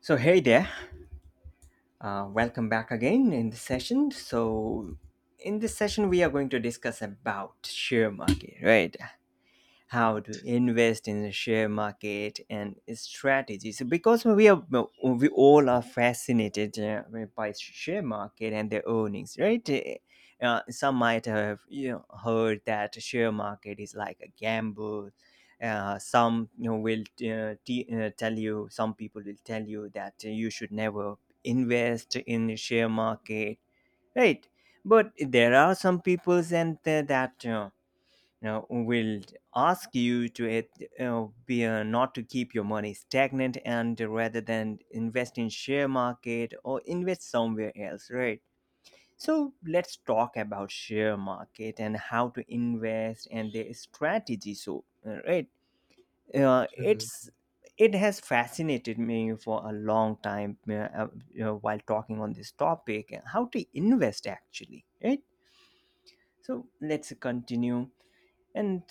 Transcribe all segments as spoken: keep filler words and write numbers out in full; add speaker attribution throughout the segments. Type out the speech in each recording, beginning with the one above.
Speaker 1: So, hey there, uh, welcome back again in this session. So, in this session, we are going to discuss about share market, right? How
Speaker 2: Right.
Speaker 1: to invest in the share market and strategies because we are we all are fascinated uh, by share market and their earnings, right? Uh, some might have, you know, heard that share market is like a gamble. Uh, some, you know, will uh, t- uh, tell you, some people will tell you that you should never invest in the share market, right? But there are some peoples and th- that uh, uh, will ask you to it, uh, be uh, not to keep your money stagnant and rather than invest in share market or invest somewhere else, right? So let's talk about share market and how to invest and their strategy. So uh, right, uh,
Speaker 2: Mhm.
Speaker 1: it's it has fascinated me for a long time, uh, uh, you know, while talking on this topic, uh, how to invest actually, right? So let's continue and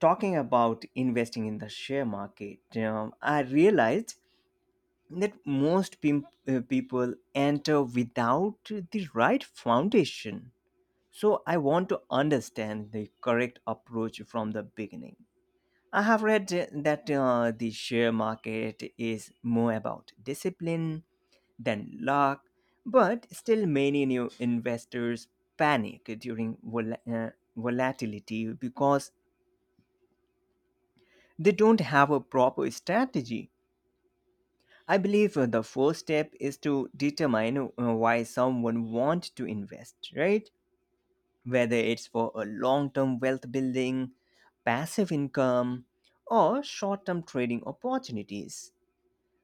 Speaker 1: talking about investing in the share market, um, I realized that most pim- uh, people enter without the right foundation. So I want to understand the correct approach from the beginning. I have read uh, that uh, the share market is more about discipline than luck, but still, many new investors panic during vol- uh, volatility because they don't have a proper strategy. I believe uh, the first step is to determine uh, why someone wants to invest, right? Whether it's for a long term wealth building, passive income, or short term trading opportunities.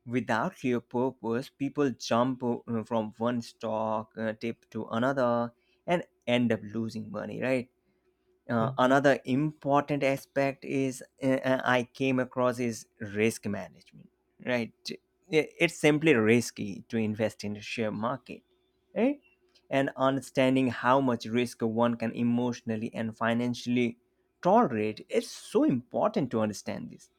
Speaker 1: Without clear purpose, people jump uh, from one stock uh, tip to another and end up losing money, right? Uh,
Speaker 2: Mhm.
Speaker 1: another important aspect is uh, uh, I came across is risk management, right? I- It's simply risky to invest in the share market, right? And understanding how much risk one can emotionally and financially tolerate, it's so important to understand this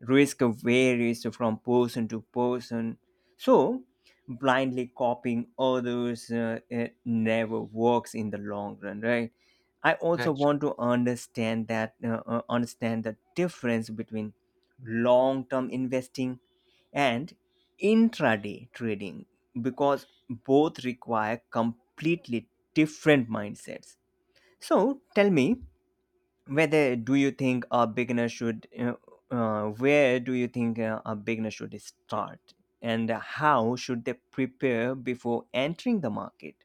Speaker 1: risk varies from person to person. So, blindly copying others, uh, it never works in the long run, right? I also
Speaker 2: Actu
Speaker 1: want to understand that uh, uh, understand the difference between long-term investing and intraday trading because both require completely different mindsets. So, tell me whether do you think a beginner should uh, uh, where do you think uh, a beginner should start and how should they prepare before entering the market.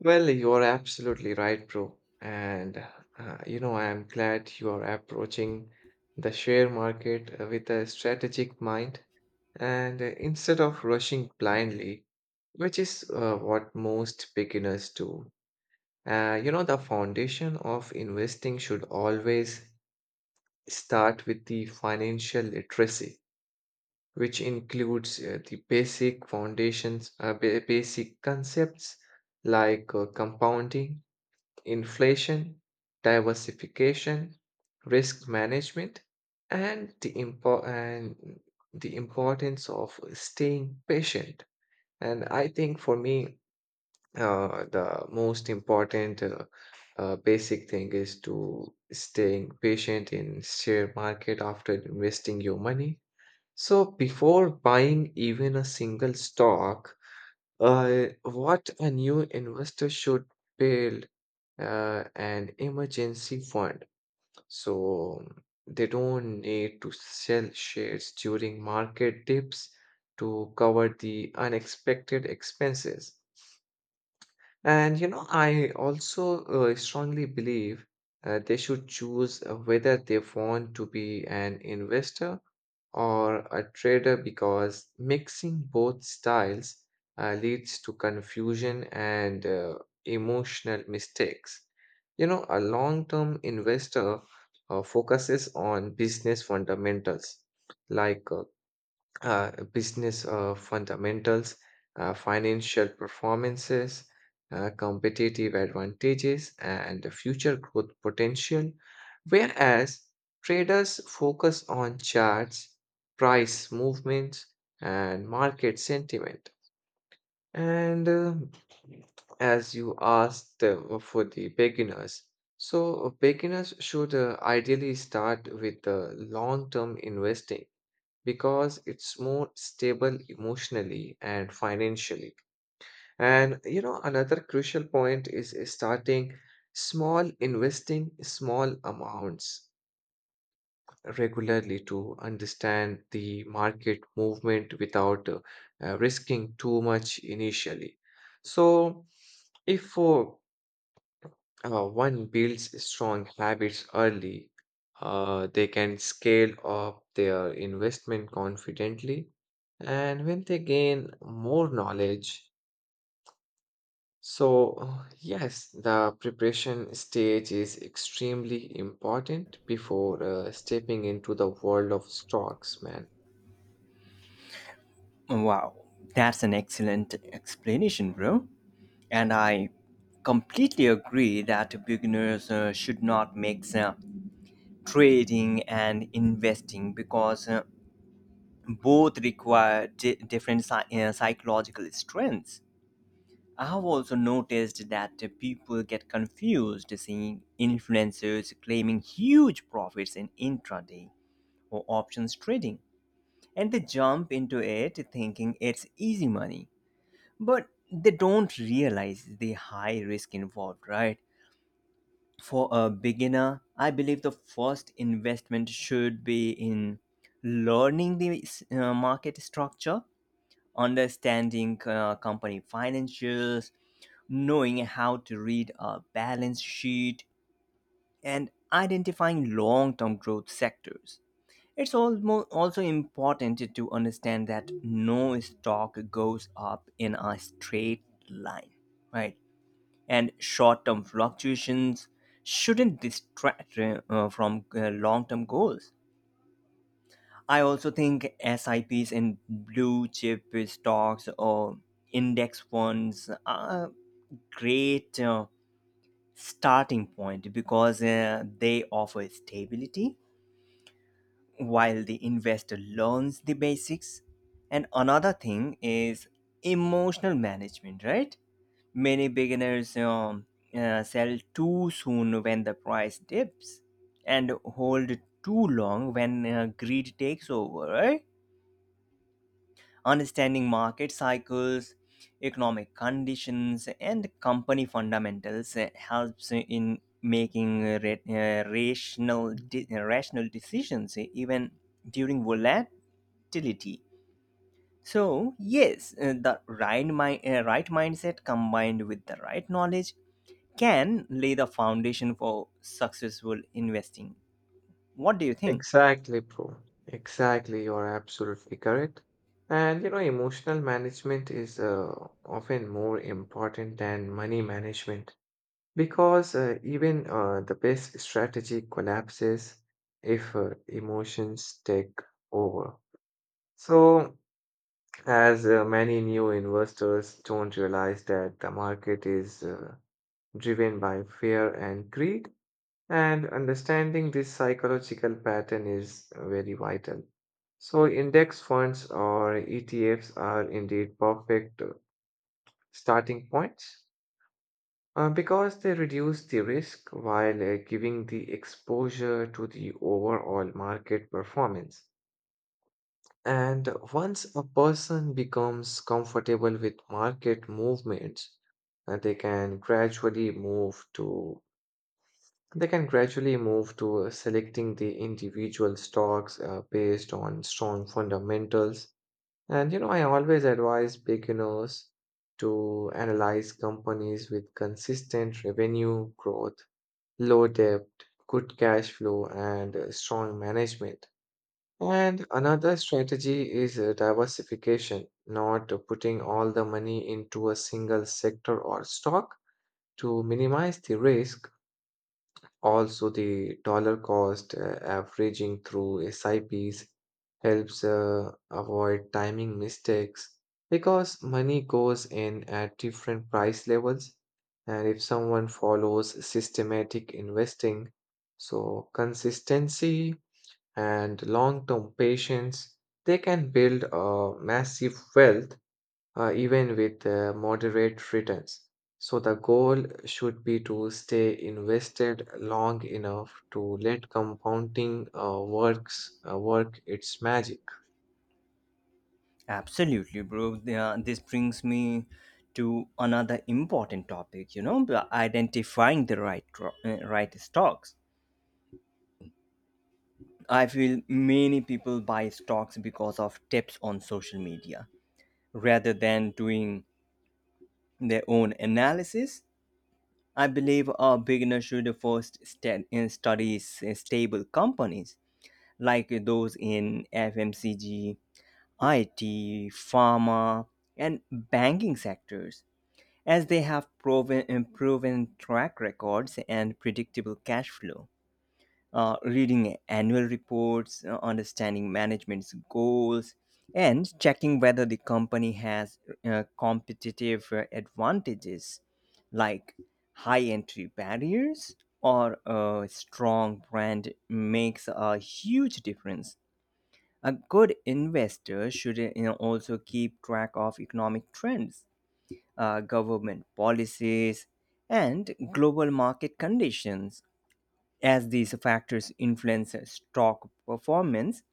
Speaker 2: well, you're absolutely right, bro. And uh, you know, I am glad you are approaching the share market uh, with a strategic mind and uh, instead of rushing blindly, which is uh, what most beginners do. Uh, you know, the foundation of investing should always start with the financial literacy, which includes uh, the basic foundations, uh, ba- basic concepts like uh, compounding, inflation, diversification, risk management, and the impo- and the importance of staying patient. And I think for me, uh, the most important uh, uh, basic thing is to staying patient in share market after investing your money. So before buying even a single stock, uh, what a new investor should build uh, an emergency fund. So they don't need to sell shares during market dips to cover the unexpected expenses. And you know, I also uh, strongly believe uh, they should choose uh, whether they want to be an investor or a trader because mixing both styles uh, leads to confusion and uh, emotional mistakes. You know, a long term investor uh, focuses on business fundamentals like uh, uh, business uh, fundamentals, uh, financial performances, uh, competitive advantages, and the future growth potential. Whereas traders focus on charts, price movements, and market sentiment. And uh, as you asked uh, for the beginners, so beginners should uh, ideally start with the long term investing because it's more stable emotionally and financially. And you know, another crucial point is starting small, investing small amounts regularly to understand the market movement without uh, uh, risking too much initially. So, if uh, uh, one builds strong habits early, uh, they can scale up their investment confidently and when they gain more knowledge. So, uh, yes, the preparation stage is extremely important before uh, stepping into the world of stocks, man.
Speaker 1: Wow, that's an excellent explanation, bro. And I completely agree that beginners uh, should not mix uh, trading and investing because uh, both require di- different psy- uh, psychological strengths. I've also noticed that the people get confused seeing influencers claiming huge profits in intraday or options trading, and they jump into it thinking it's easy money. But they don't realize the high risk involved, right? For a beginner, I believe the first investment should be in learning the uh, market structure, understanding uh, company financials, knowing how to read a balance sheet, and identifying long term growth sectors. It's almost also important to understand that no stock goes up in a straight line, right? And short term fluctuations shouldn't distract uh, uh, from long term goals. I also think S I P's in blue chip stocks or index funds are great uh, starting point because uh, they offer stability while the investor learns the basics. And another thing is emotional management, right? Many beginners um, uh, sell too soon when the price dips and hold too long when uh, greed takes over, right? Understanding market cycles, economic conditions, and company fundamentals uh, helps in making uh, ra- uh, rational, de- uh, rational decisions uh, even during volatility. So, yes, uh, the right, mi- uh, right mindset combined with the right knowledge can lay the foundation for successful investing. What do you think?
Speaker 2: Exactly, bro. Exactly, you're absolutely correct. And you know, emotional management is uh, often more important than money management because uh, even uh, the best strategy collapses if uh, emotions take over. So, as uh, many new investors don't realize that the market is uh, driven by fear and greed. And understanding this psychological pattern is very vital. So, index funds or E T Fs are indeed perfect uh, starting points uh, because they reduce the risk while uh, giving the exposure to the overall market performance. And once a person becomes comfortable with market movements, uh, they can gradually move to They can gradually move to uh, selecting the individual stocks uh, based on strong fundamentals. And you know, I always advise beginners to analyze companies with consistent revenue growth, low debt, good cash flow, and uh, strong management. And another strategy is uh, diversification, not uh, putting all the money into a single sector or stock to minimize the risk. Also, the dollar cost uh, averaging through S I Ps helps uh, avoid timing mistakes because money goes in at different price levels. And if someone follows systematic investing, so consistency and long term patience, they can build a massive wealth uh, even with uh, moderate returns. So, the goal should be to stay invested long enough to let compounding uh, works uh, work its magic.
Speaker 1: Absolutely, bro. Yeah, this brings me to another important topic, you know, the identifying the right tro- uh, right stocks. I feel many people buy stocks because of tips on social media rather than doing their own analysis. I believe a beginner should first st- uh, study s- uh, stable companies like those in F M C G, I T, pharma, and banking sectors, as they have proven proven track records and predictable cash flow. Uh, reading annual reports, uh, understanding management's goals, and checking whether the company has uh, competitive uh, advantages like high entry barriers or a strong brand makes a huge difference. A good investor should, uh, you know, also keep track of economic trends, uh, government policies, and global market conditions. As these factors influence stock performance,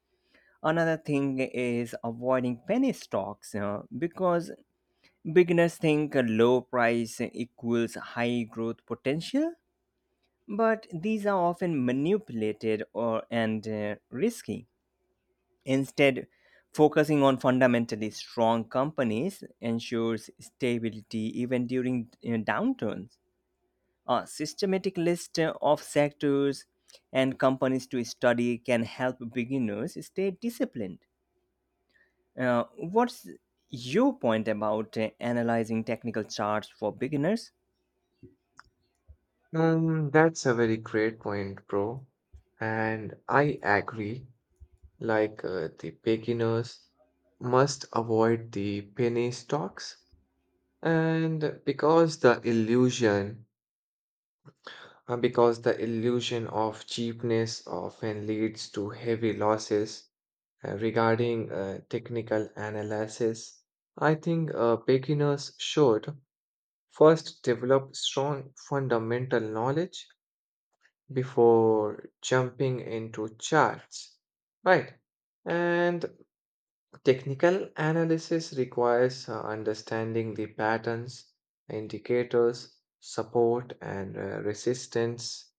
Speaker 1: another thing is avoiding penny stocks uh, because beginners think a low price equals high growth potential, but these are often manipulated or and uh, risky. Instead, focusing on fundamentally strong companies ensures stability even during, you know, downturns. A systematic list of sectors and companies to study can help beginners stay disciplined. Uh, what's your point about uh, analyzing technical charts for beginners?
Speaker 2: Um, that's a very great point, bro. And I agree, like uh, the beginners must avoid the penny stocks. And because the illusion uh, because the illusion of cheapness often leads to heavy losses. Uh, regarding uh, technical analysis, I think uh, beginners should first develop strong fundamental knowledge before jumping into charts, right? And technical analysis requires uh, understanding the patterns, indicators, support, and uh, resistance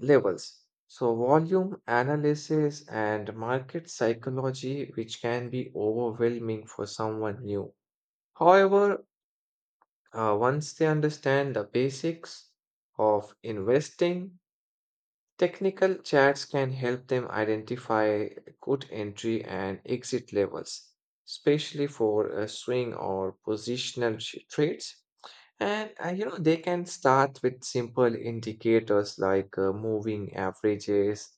Speaker 2: levels. So, volume analysis and market psychology, which can be overwhelming for someone new. However, uh, once they understand the basics of investing, technical charts can help them identify good entry and exit levels, especially for uh, swing or positional sh- trades. And uh, you know, they can start with simple indicators like uh, moving averages,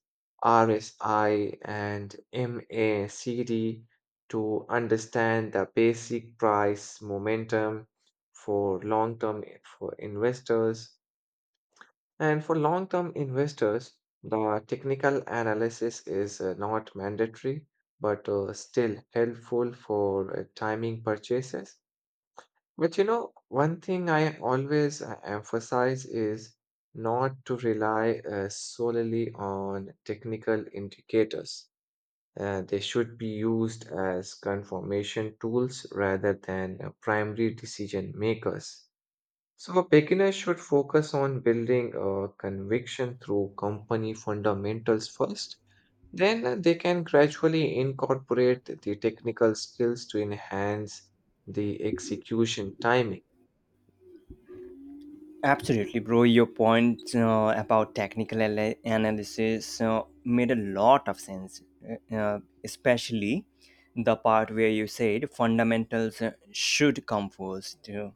Speaker 2: R S I, and M A C D to understand the basic price momentum for long-term i- for investors. And for long-term investors, the technical analysis is uh, not mandatory, but uh, still helpful for uh, timing purchases. But you know, one thing I always uh, emphasize is not to rely uh, solely on technical indicators. Uh, they should be used as confirmation tools rather than uh, primary decision makers. So, a beginner should focus on building a conviction through company fundamentals first. Then uh, they can gradually incorporate the technical skills to enhance the execution timing.
Speaker 1: Absolutely, bro. Your point uh, about technical ala- analysis uh, made a lot of sense, uh, uh, especially the part where you said fundamentals uh, should come first. Uh,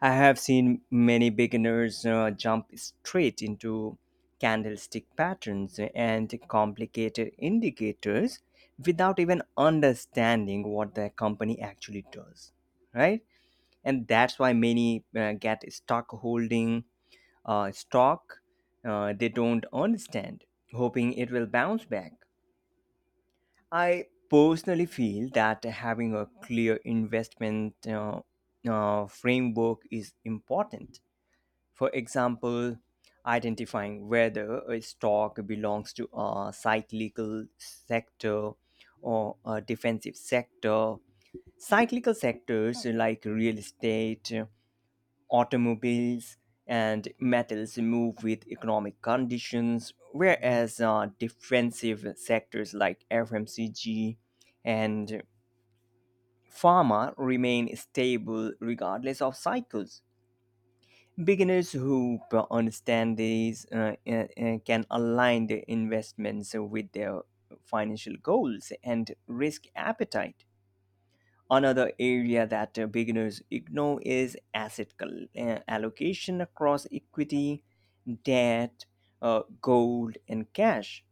Speaker 1: I have seen many beginners uh, jump straight into candlestick patterns and complicated indicators without even understanding what the company actually does, right? And that's why many uh, get stock holding uh, stock uh, they don't understand, hoping it will bounce back. I personally feel that having a clear investment uh, uh, framework is important. For example, identifying whether a stock belongs to a cyclical sector or a defensive sector. Cyclical sectors like real estate, automobiles, and metals move with economic conditions, whereas uh, defensive sectors like F M C G and pharma remain stable regardless of cycles. Beginners who p- understand these uh, uh, uh, can align their investments with their financial goals and risk appetite. Another area that uh, beginners ignore is asset col- uh, allocation across equity, debt, uh, gold, and cash.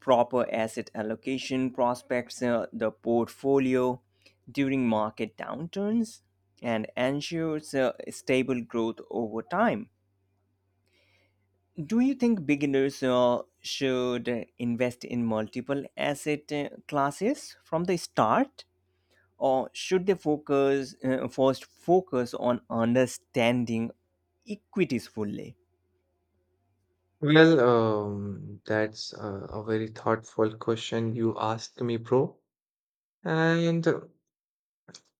Speaker 1: Proper asset allocation prospects uh, the portfolio during market downturns and ensures uh, stable growth over time. Do you think beginners uh, should invest in multiple asset uh, classes from the start, or should they focus uh, first focus on understanding equities fully?
Speaker 2: Well, um, that's uh, a very thoughtful question you asked me, bro. And uh,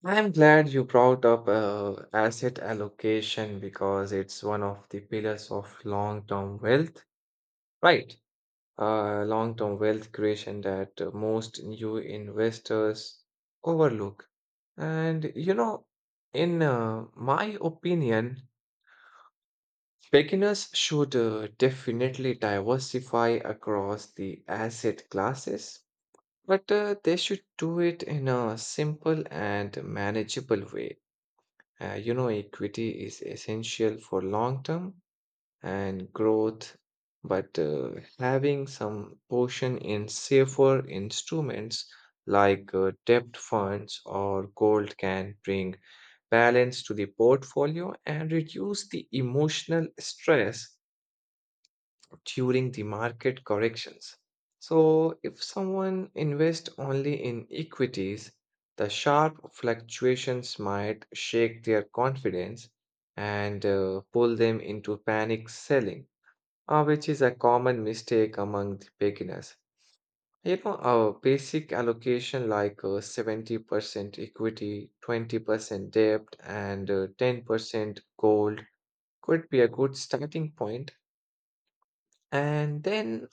Speaker 2: I'm glad you brought up uh, asset allocation because it's one of the pillars of long-term wealth, right? Uh, long-term wealth creation that uh, most new investors overlook. And you know, in uh, my opinion, beginners should uh, definitely diversify across the asset classes, but uh, they should do it in a simple and manageable way. Uh, you know, equity is essential for long term and growth, but uh, having some portion in safer instruments like uh, debt funds or gold can bring balance to the portfolio and reduce the emotional stress during the market corrections. So, if someone invests only in equities, the sharp fluctuations might shake their confidence and uh, pull them into panic selling, uh, which is a common mistake among the beginners. You know, our basic allocation like uh, seventy percent equity, twenty percent debt, and uh, ten percent gold could be a good starting point. And then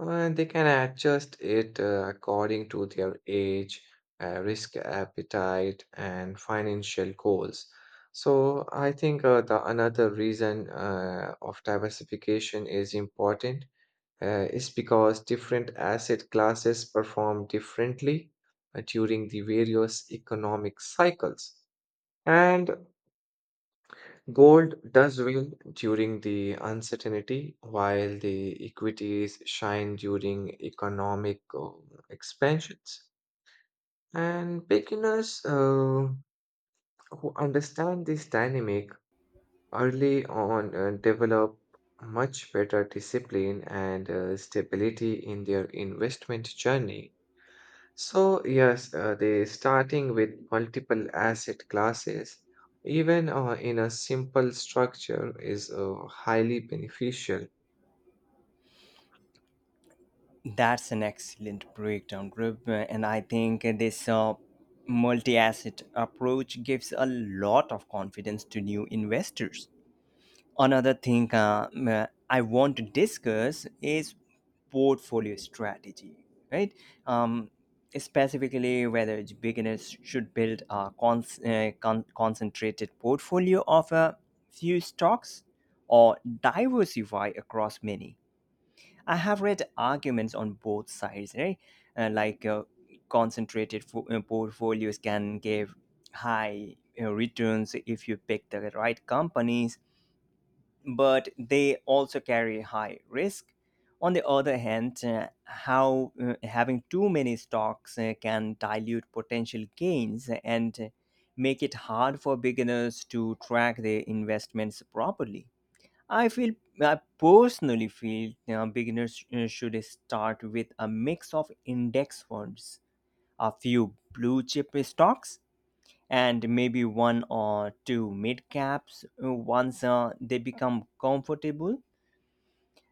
Speaker 2: Uh, they can adjust it uh, according to their age, uh, risk appetite, and financial goals. So I think uh, the another reason uh, of diversification is important uh, is because different asset classes perform differently uh, during the various economic cycles. And gold does win during the uncertainty, while the equities shine during economic uh, expansions. And beginners uh, who understand this dynamic early on uh, develop much better discipline and uh, stability in their investment journey. So, yes, uh, they starting with multiple asset classes, even uh, in a simple structure, is uh, highly beneficial.
Speaker 1: That's an excellent breakdown, group, and I think this uh, multi-asset approach gives a lot of confidence to new investors. Another thing uh, m- I want to discuss is portfolio strategy, right? Um, specifically, whether it's beginners should build a con- uh, con- concentrated portfolio of a few stocks or diversify across many. I have read arguments on both sides, right? Uh, like uh, concentrated fo- uh, portfolios can give high uh, returns if you pick the right companies, but they also carry high risk. On the other hand, uh, how uh, having too many stocks uh, can dilute potential gains and uh, make it hard for beginners to track their investments properly. I feel I personally feel, you know, beginners uh, should start with a mix of index funds, a few blue chip stocks, and maybe one or two mid caps uh, once uh, they become comfortable.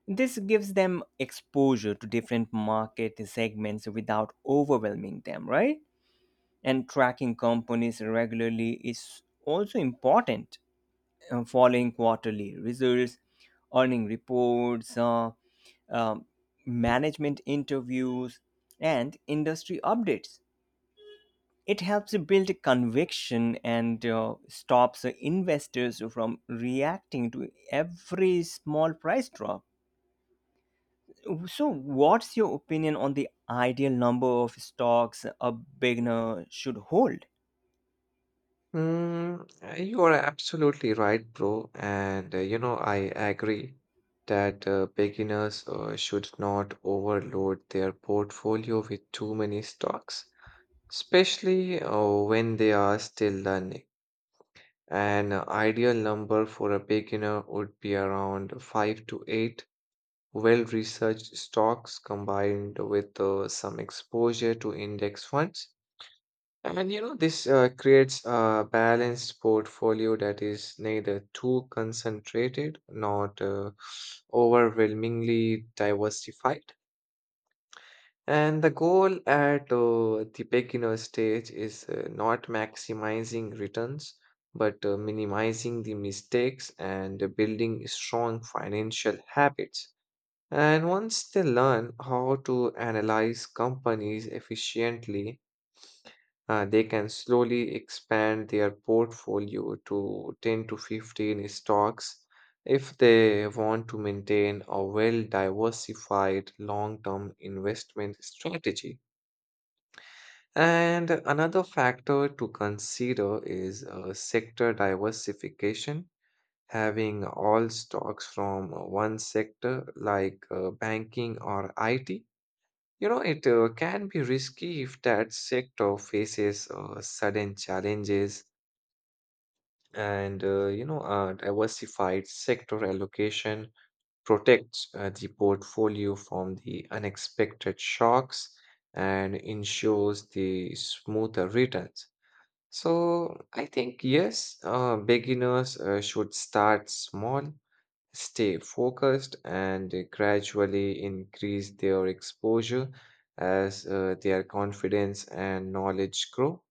Speaker 1: This gives them exposure to different market segments without overwhelming them, right? And tracking companies regularly is also important. Uh, following quarterly results, earning reports, uh, um, management interviews, and industry updates. It helps build conviction and uh, stops investors from reacting to every small price drop. So, what's your opinion on the ideal number of stocks a beginner should hold?
Speaker 2: Mm, uh, you are absolutely right, bro. And uh, you know, I agree that uh, beginners uh, should not overload their portfolio with too many stocks, especially uh, when they are still learning. An ideal number for a beginner would be around five to eight well researched stocks combined with uh, some exposure to index funds. And you know, this uh, creates a balanced portfolio that is neither too concentrated nor uh, overwhelmingly diversified. And the goal at uh, the beginner stage is uh, not maximizing returns, but uh, minimizing the mistakes and building strong financial habits. And once they learn how to analyze companies efficiently, uh, they can slowly expand their portfolio to ten to fifteen stocks if they want to maintain a well diversified long term investment strategy. And another factor to consider is uh, sector diversification. Having all stocks from one sector, like uh, banking or I T, you know, it uh, can be risky if that sector faces uh, sudden challenges and, uh, you know, a diversified sector allocation protects uh, the portfolio from the unexpected shocks and ensures the smoother returns. So I think, yes, uh, beginners uh, should start small, stay focused, and uh, gradually increase their exposure as uh, their confidence and knowledge grow.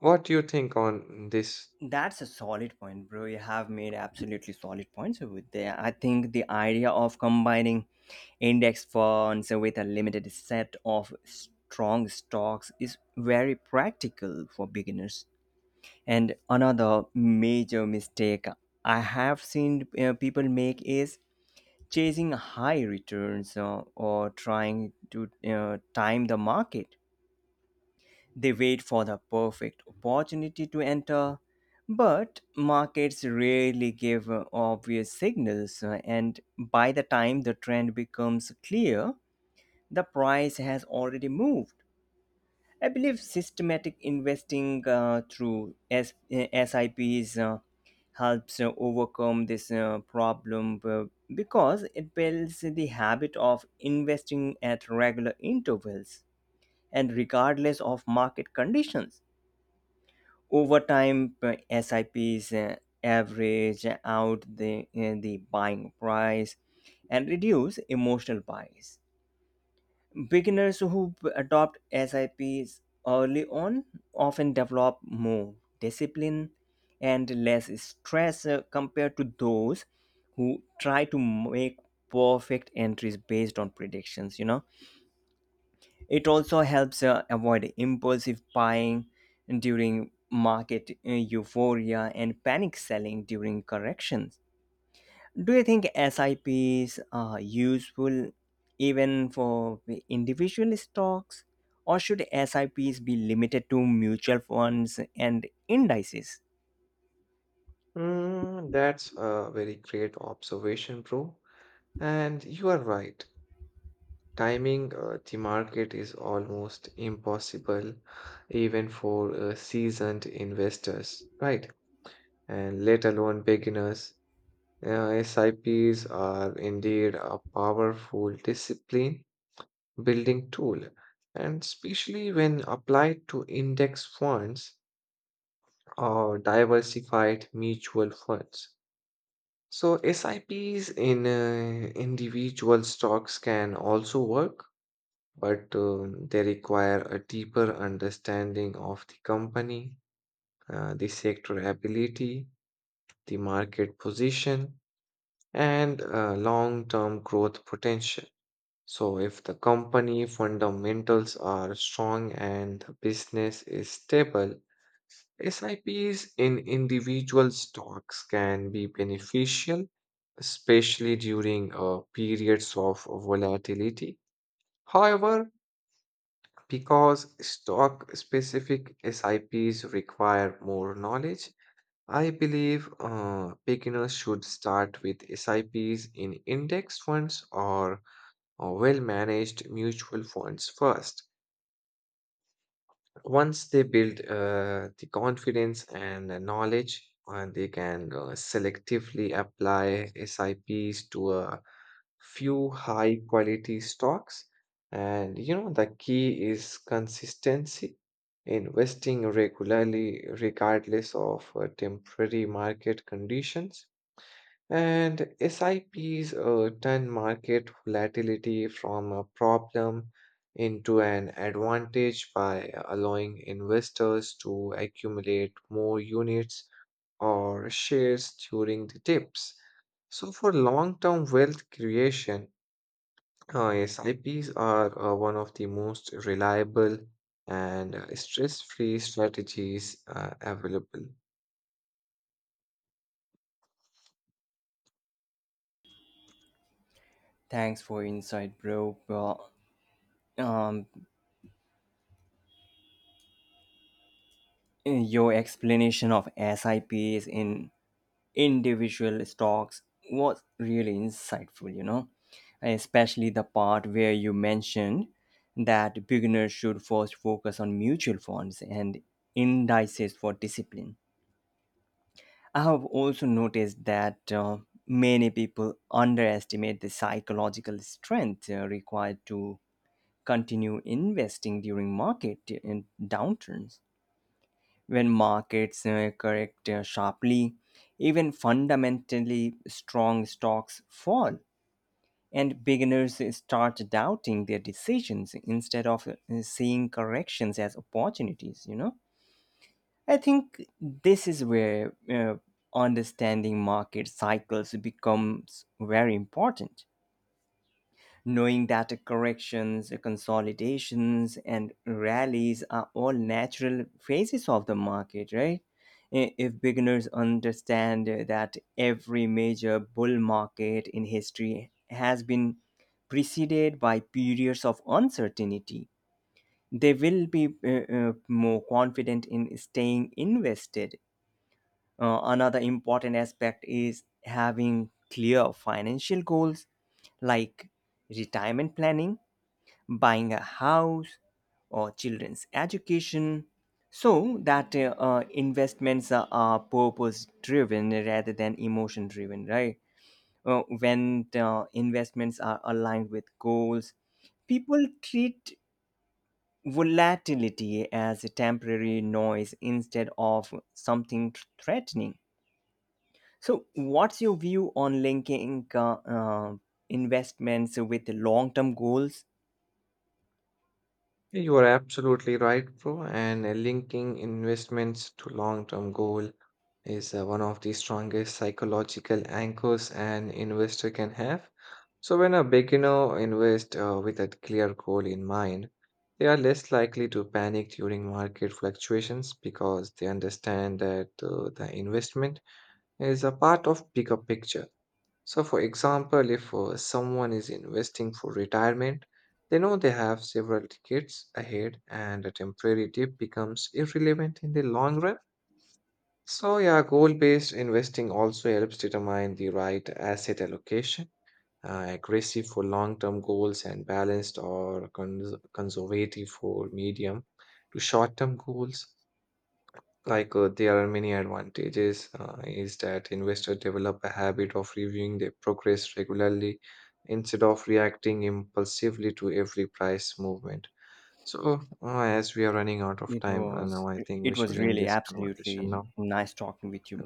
Speaker 2: What do you think on this?
Speaker 1: That's a solid point, bro. You have made absolutely solid points over there. I think the idea of combining index funds with a limited set of strong stocks is very practical for beginners. And another major mistake I have seen uh, people make is chasing high returns uh, or trying to uh, time the market. They wait for the perfect opportunity to enter, but markets rarely give uh, obvious signals, uh, and by the time the trend becomes clear, the price has already moved. I believe systematic investing uh, through S- uh, S I Ps uh, helps uh, overcome this uh, problem uh, because it builds the habit of investing at regular intervals and regardless of market conditions. Over time, uh, S I Ps uh, average out the, uh, the buying price and reduce emotional buys. Beginners who b- adopt S I Ps early on often develop more discipline and less stress uh, compared to those who try to make perfect entries based on predictions, you know. It also helps uh, avoid impulsive buying during market uh, euphoria and panic selling during corrections. Do you think S I Ps are useful even for the individual stocks, or should S I Ps be limited to mutual funds and indices?
Speaker 2: Mm, that's a very great observation, bro. And you are right. Timing uh, the market is almost impossible, even for uh, seasoned investors, right? And let alone beginners. Uh, S I Ps are indeed a powerful discipline building tool, and especially when applied to index funds or diversified mutual funds. So, S I Ps in uh, individual stocks can also work, but um, they require a deeper understanding of the company, uh, the sector ability, the market position, and uh, long term growth potential. So, if the company fundamentals are strong and the business is stable, S I Ps in individual stocks can be beneficial, especially during uh, periods of volatility. However, because stock specific S I Ps require more knowledge, I believe uh, beginners should start with S I Ps in index funds or or well managed mutual funds first. Once they build uh, the confidence and the knowledge, and they can uh, selectively apply S I Ps to a few high quality stocks. And you know, the key is consistency, investing regularly, regardless of uh, temporary market conditions, and S I Ps uh, turn market volatility from a problem into an advantage by allowing investors to accumulate more units or shares during the dips. So, for long term wealth creation, uh, S I Ps are uh, one of the most reliable and stress free strategies uh, available.
Speaker 1: Thanks for insight, bro. Well, um, your explanation of S I Ps in individual stocks was really insightful, you know, especially the part where you mentioned that beginners should first focus on mutual funds and indices for discipline. I have also noticed that uh, many people underestimate the psychological strength uh, required to continue investing during market in downturns. When markets uh, correct uh, sharply, even fundamentally strong stocks fall, and beginners start doubting their decisions instead of uh, seeing corrections as opportunities, you know? I think this is where uh, understanding market cycles becomes very important, knowing that corrections, consolidations, and rallies are all natural phases of the market, right? I- If beginners understand that every major bull market in history has been preceded by periods of uncertainty, they will be uh, uh, more confident in staying invested. Uh, another important aspect is having clear financial goals like retirement planning, buying a house, or children's education, so that uh, uh, investments are, are purpose driven rather than emotion driven, right? Uh, when the investments are aligned with goals, people treat volatility as a temporary noise instead of something threatening. So what's your view on linking uh, uh, investments with long term goals?
Speaker 2: Yeah, you are absolutely right, bro. And uh, linking investments to long-term goal is uh, one of the strongest psychological anchors an investor can have. So when a beginner invests uh, with a clear goal in mind, they are less likely to panic during market fluctuations because they understand that uh, the investment is a part of bigger picture. So, for example, if uh, someone is investing for retirement, they know they have several decades ahead and a temporary dip becomes irrelevant in the long run. So, yeah, goal based investing also helps determine the right asset allocation. Uh, aggressive for long term goals and balanced or cons- conservative for medium to short term goals. Like uh, there are many advantages uh, is that investors develop a habit of reviewing their progress regularly instead of reacting impulsively to every price movement. So uh, as we are running out of
Speaker 1: It
Speaker 2: time right
Speaker 1: was
Speaker 2: now, I think we
Speaker 1: it
Speaker 2: should
Speaker 1: was
Speaker 2: end
Speaker 1: really
Speaker 2: this conversation
Speaker 1: absolutely
Speaker 2: now.
Speaker 1: nice talking with you,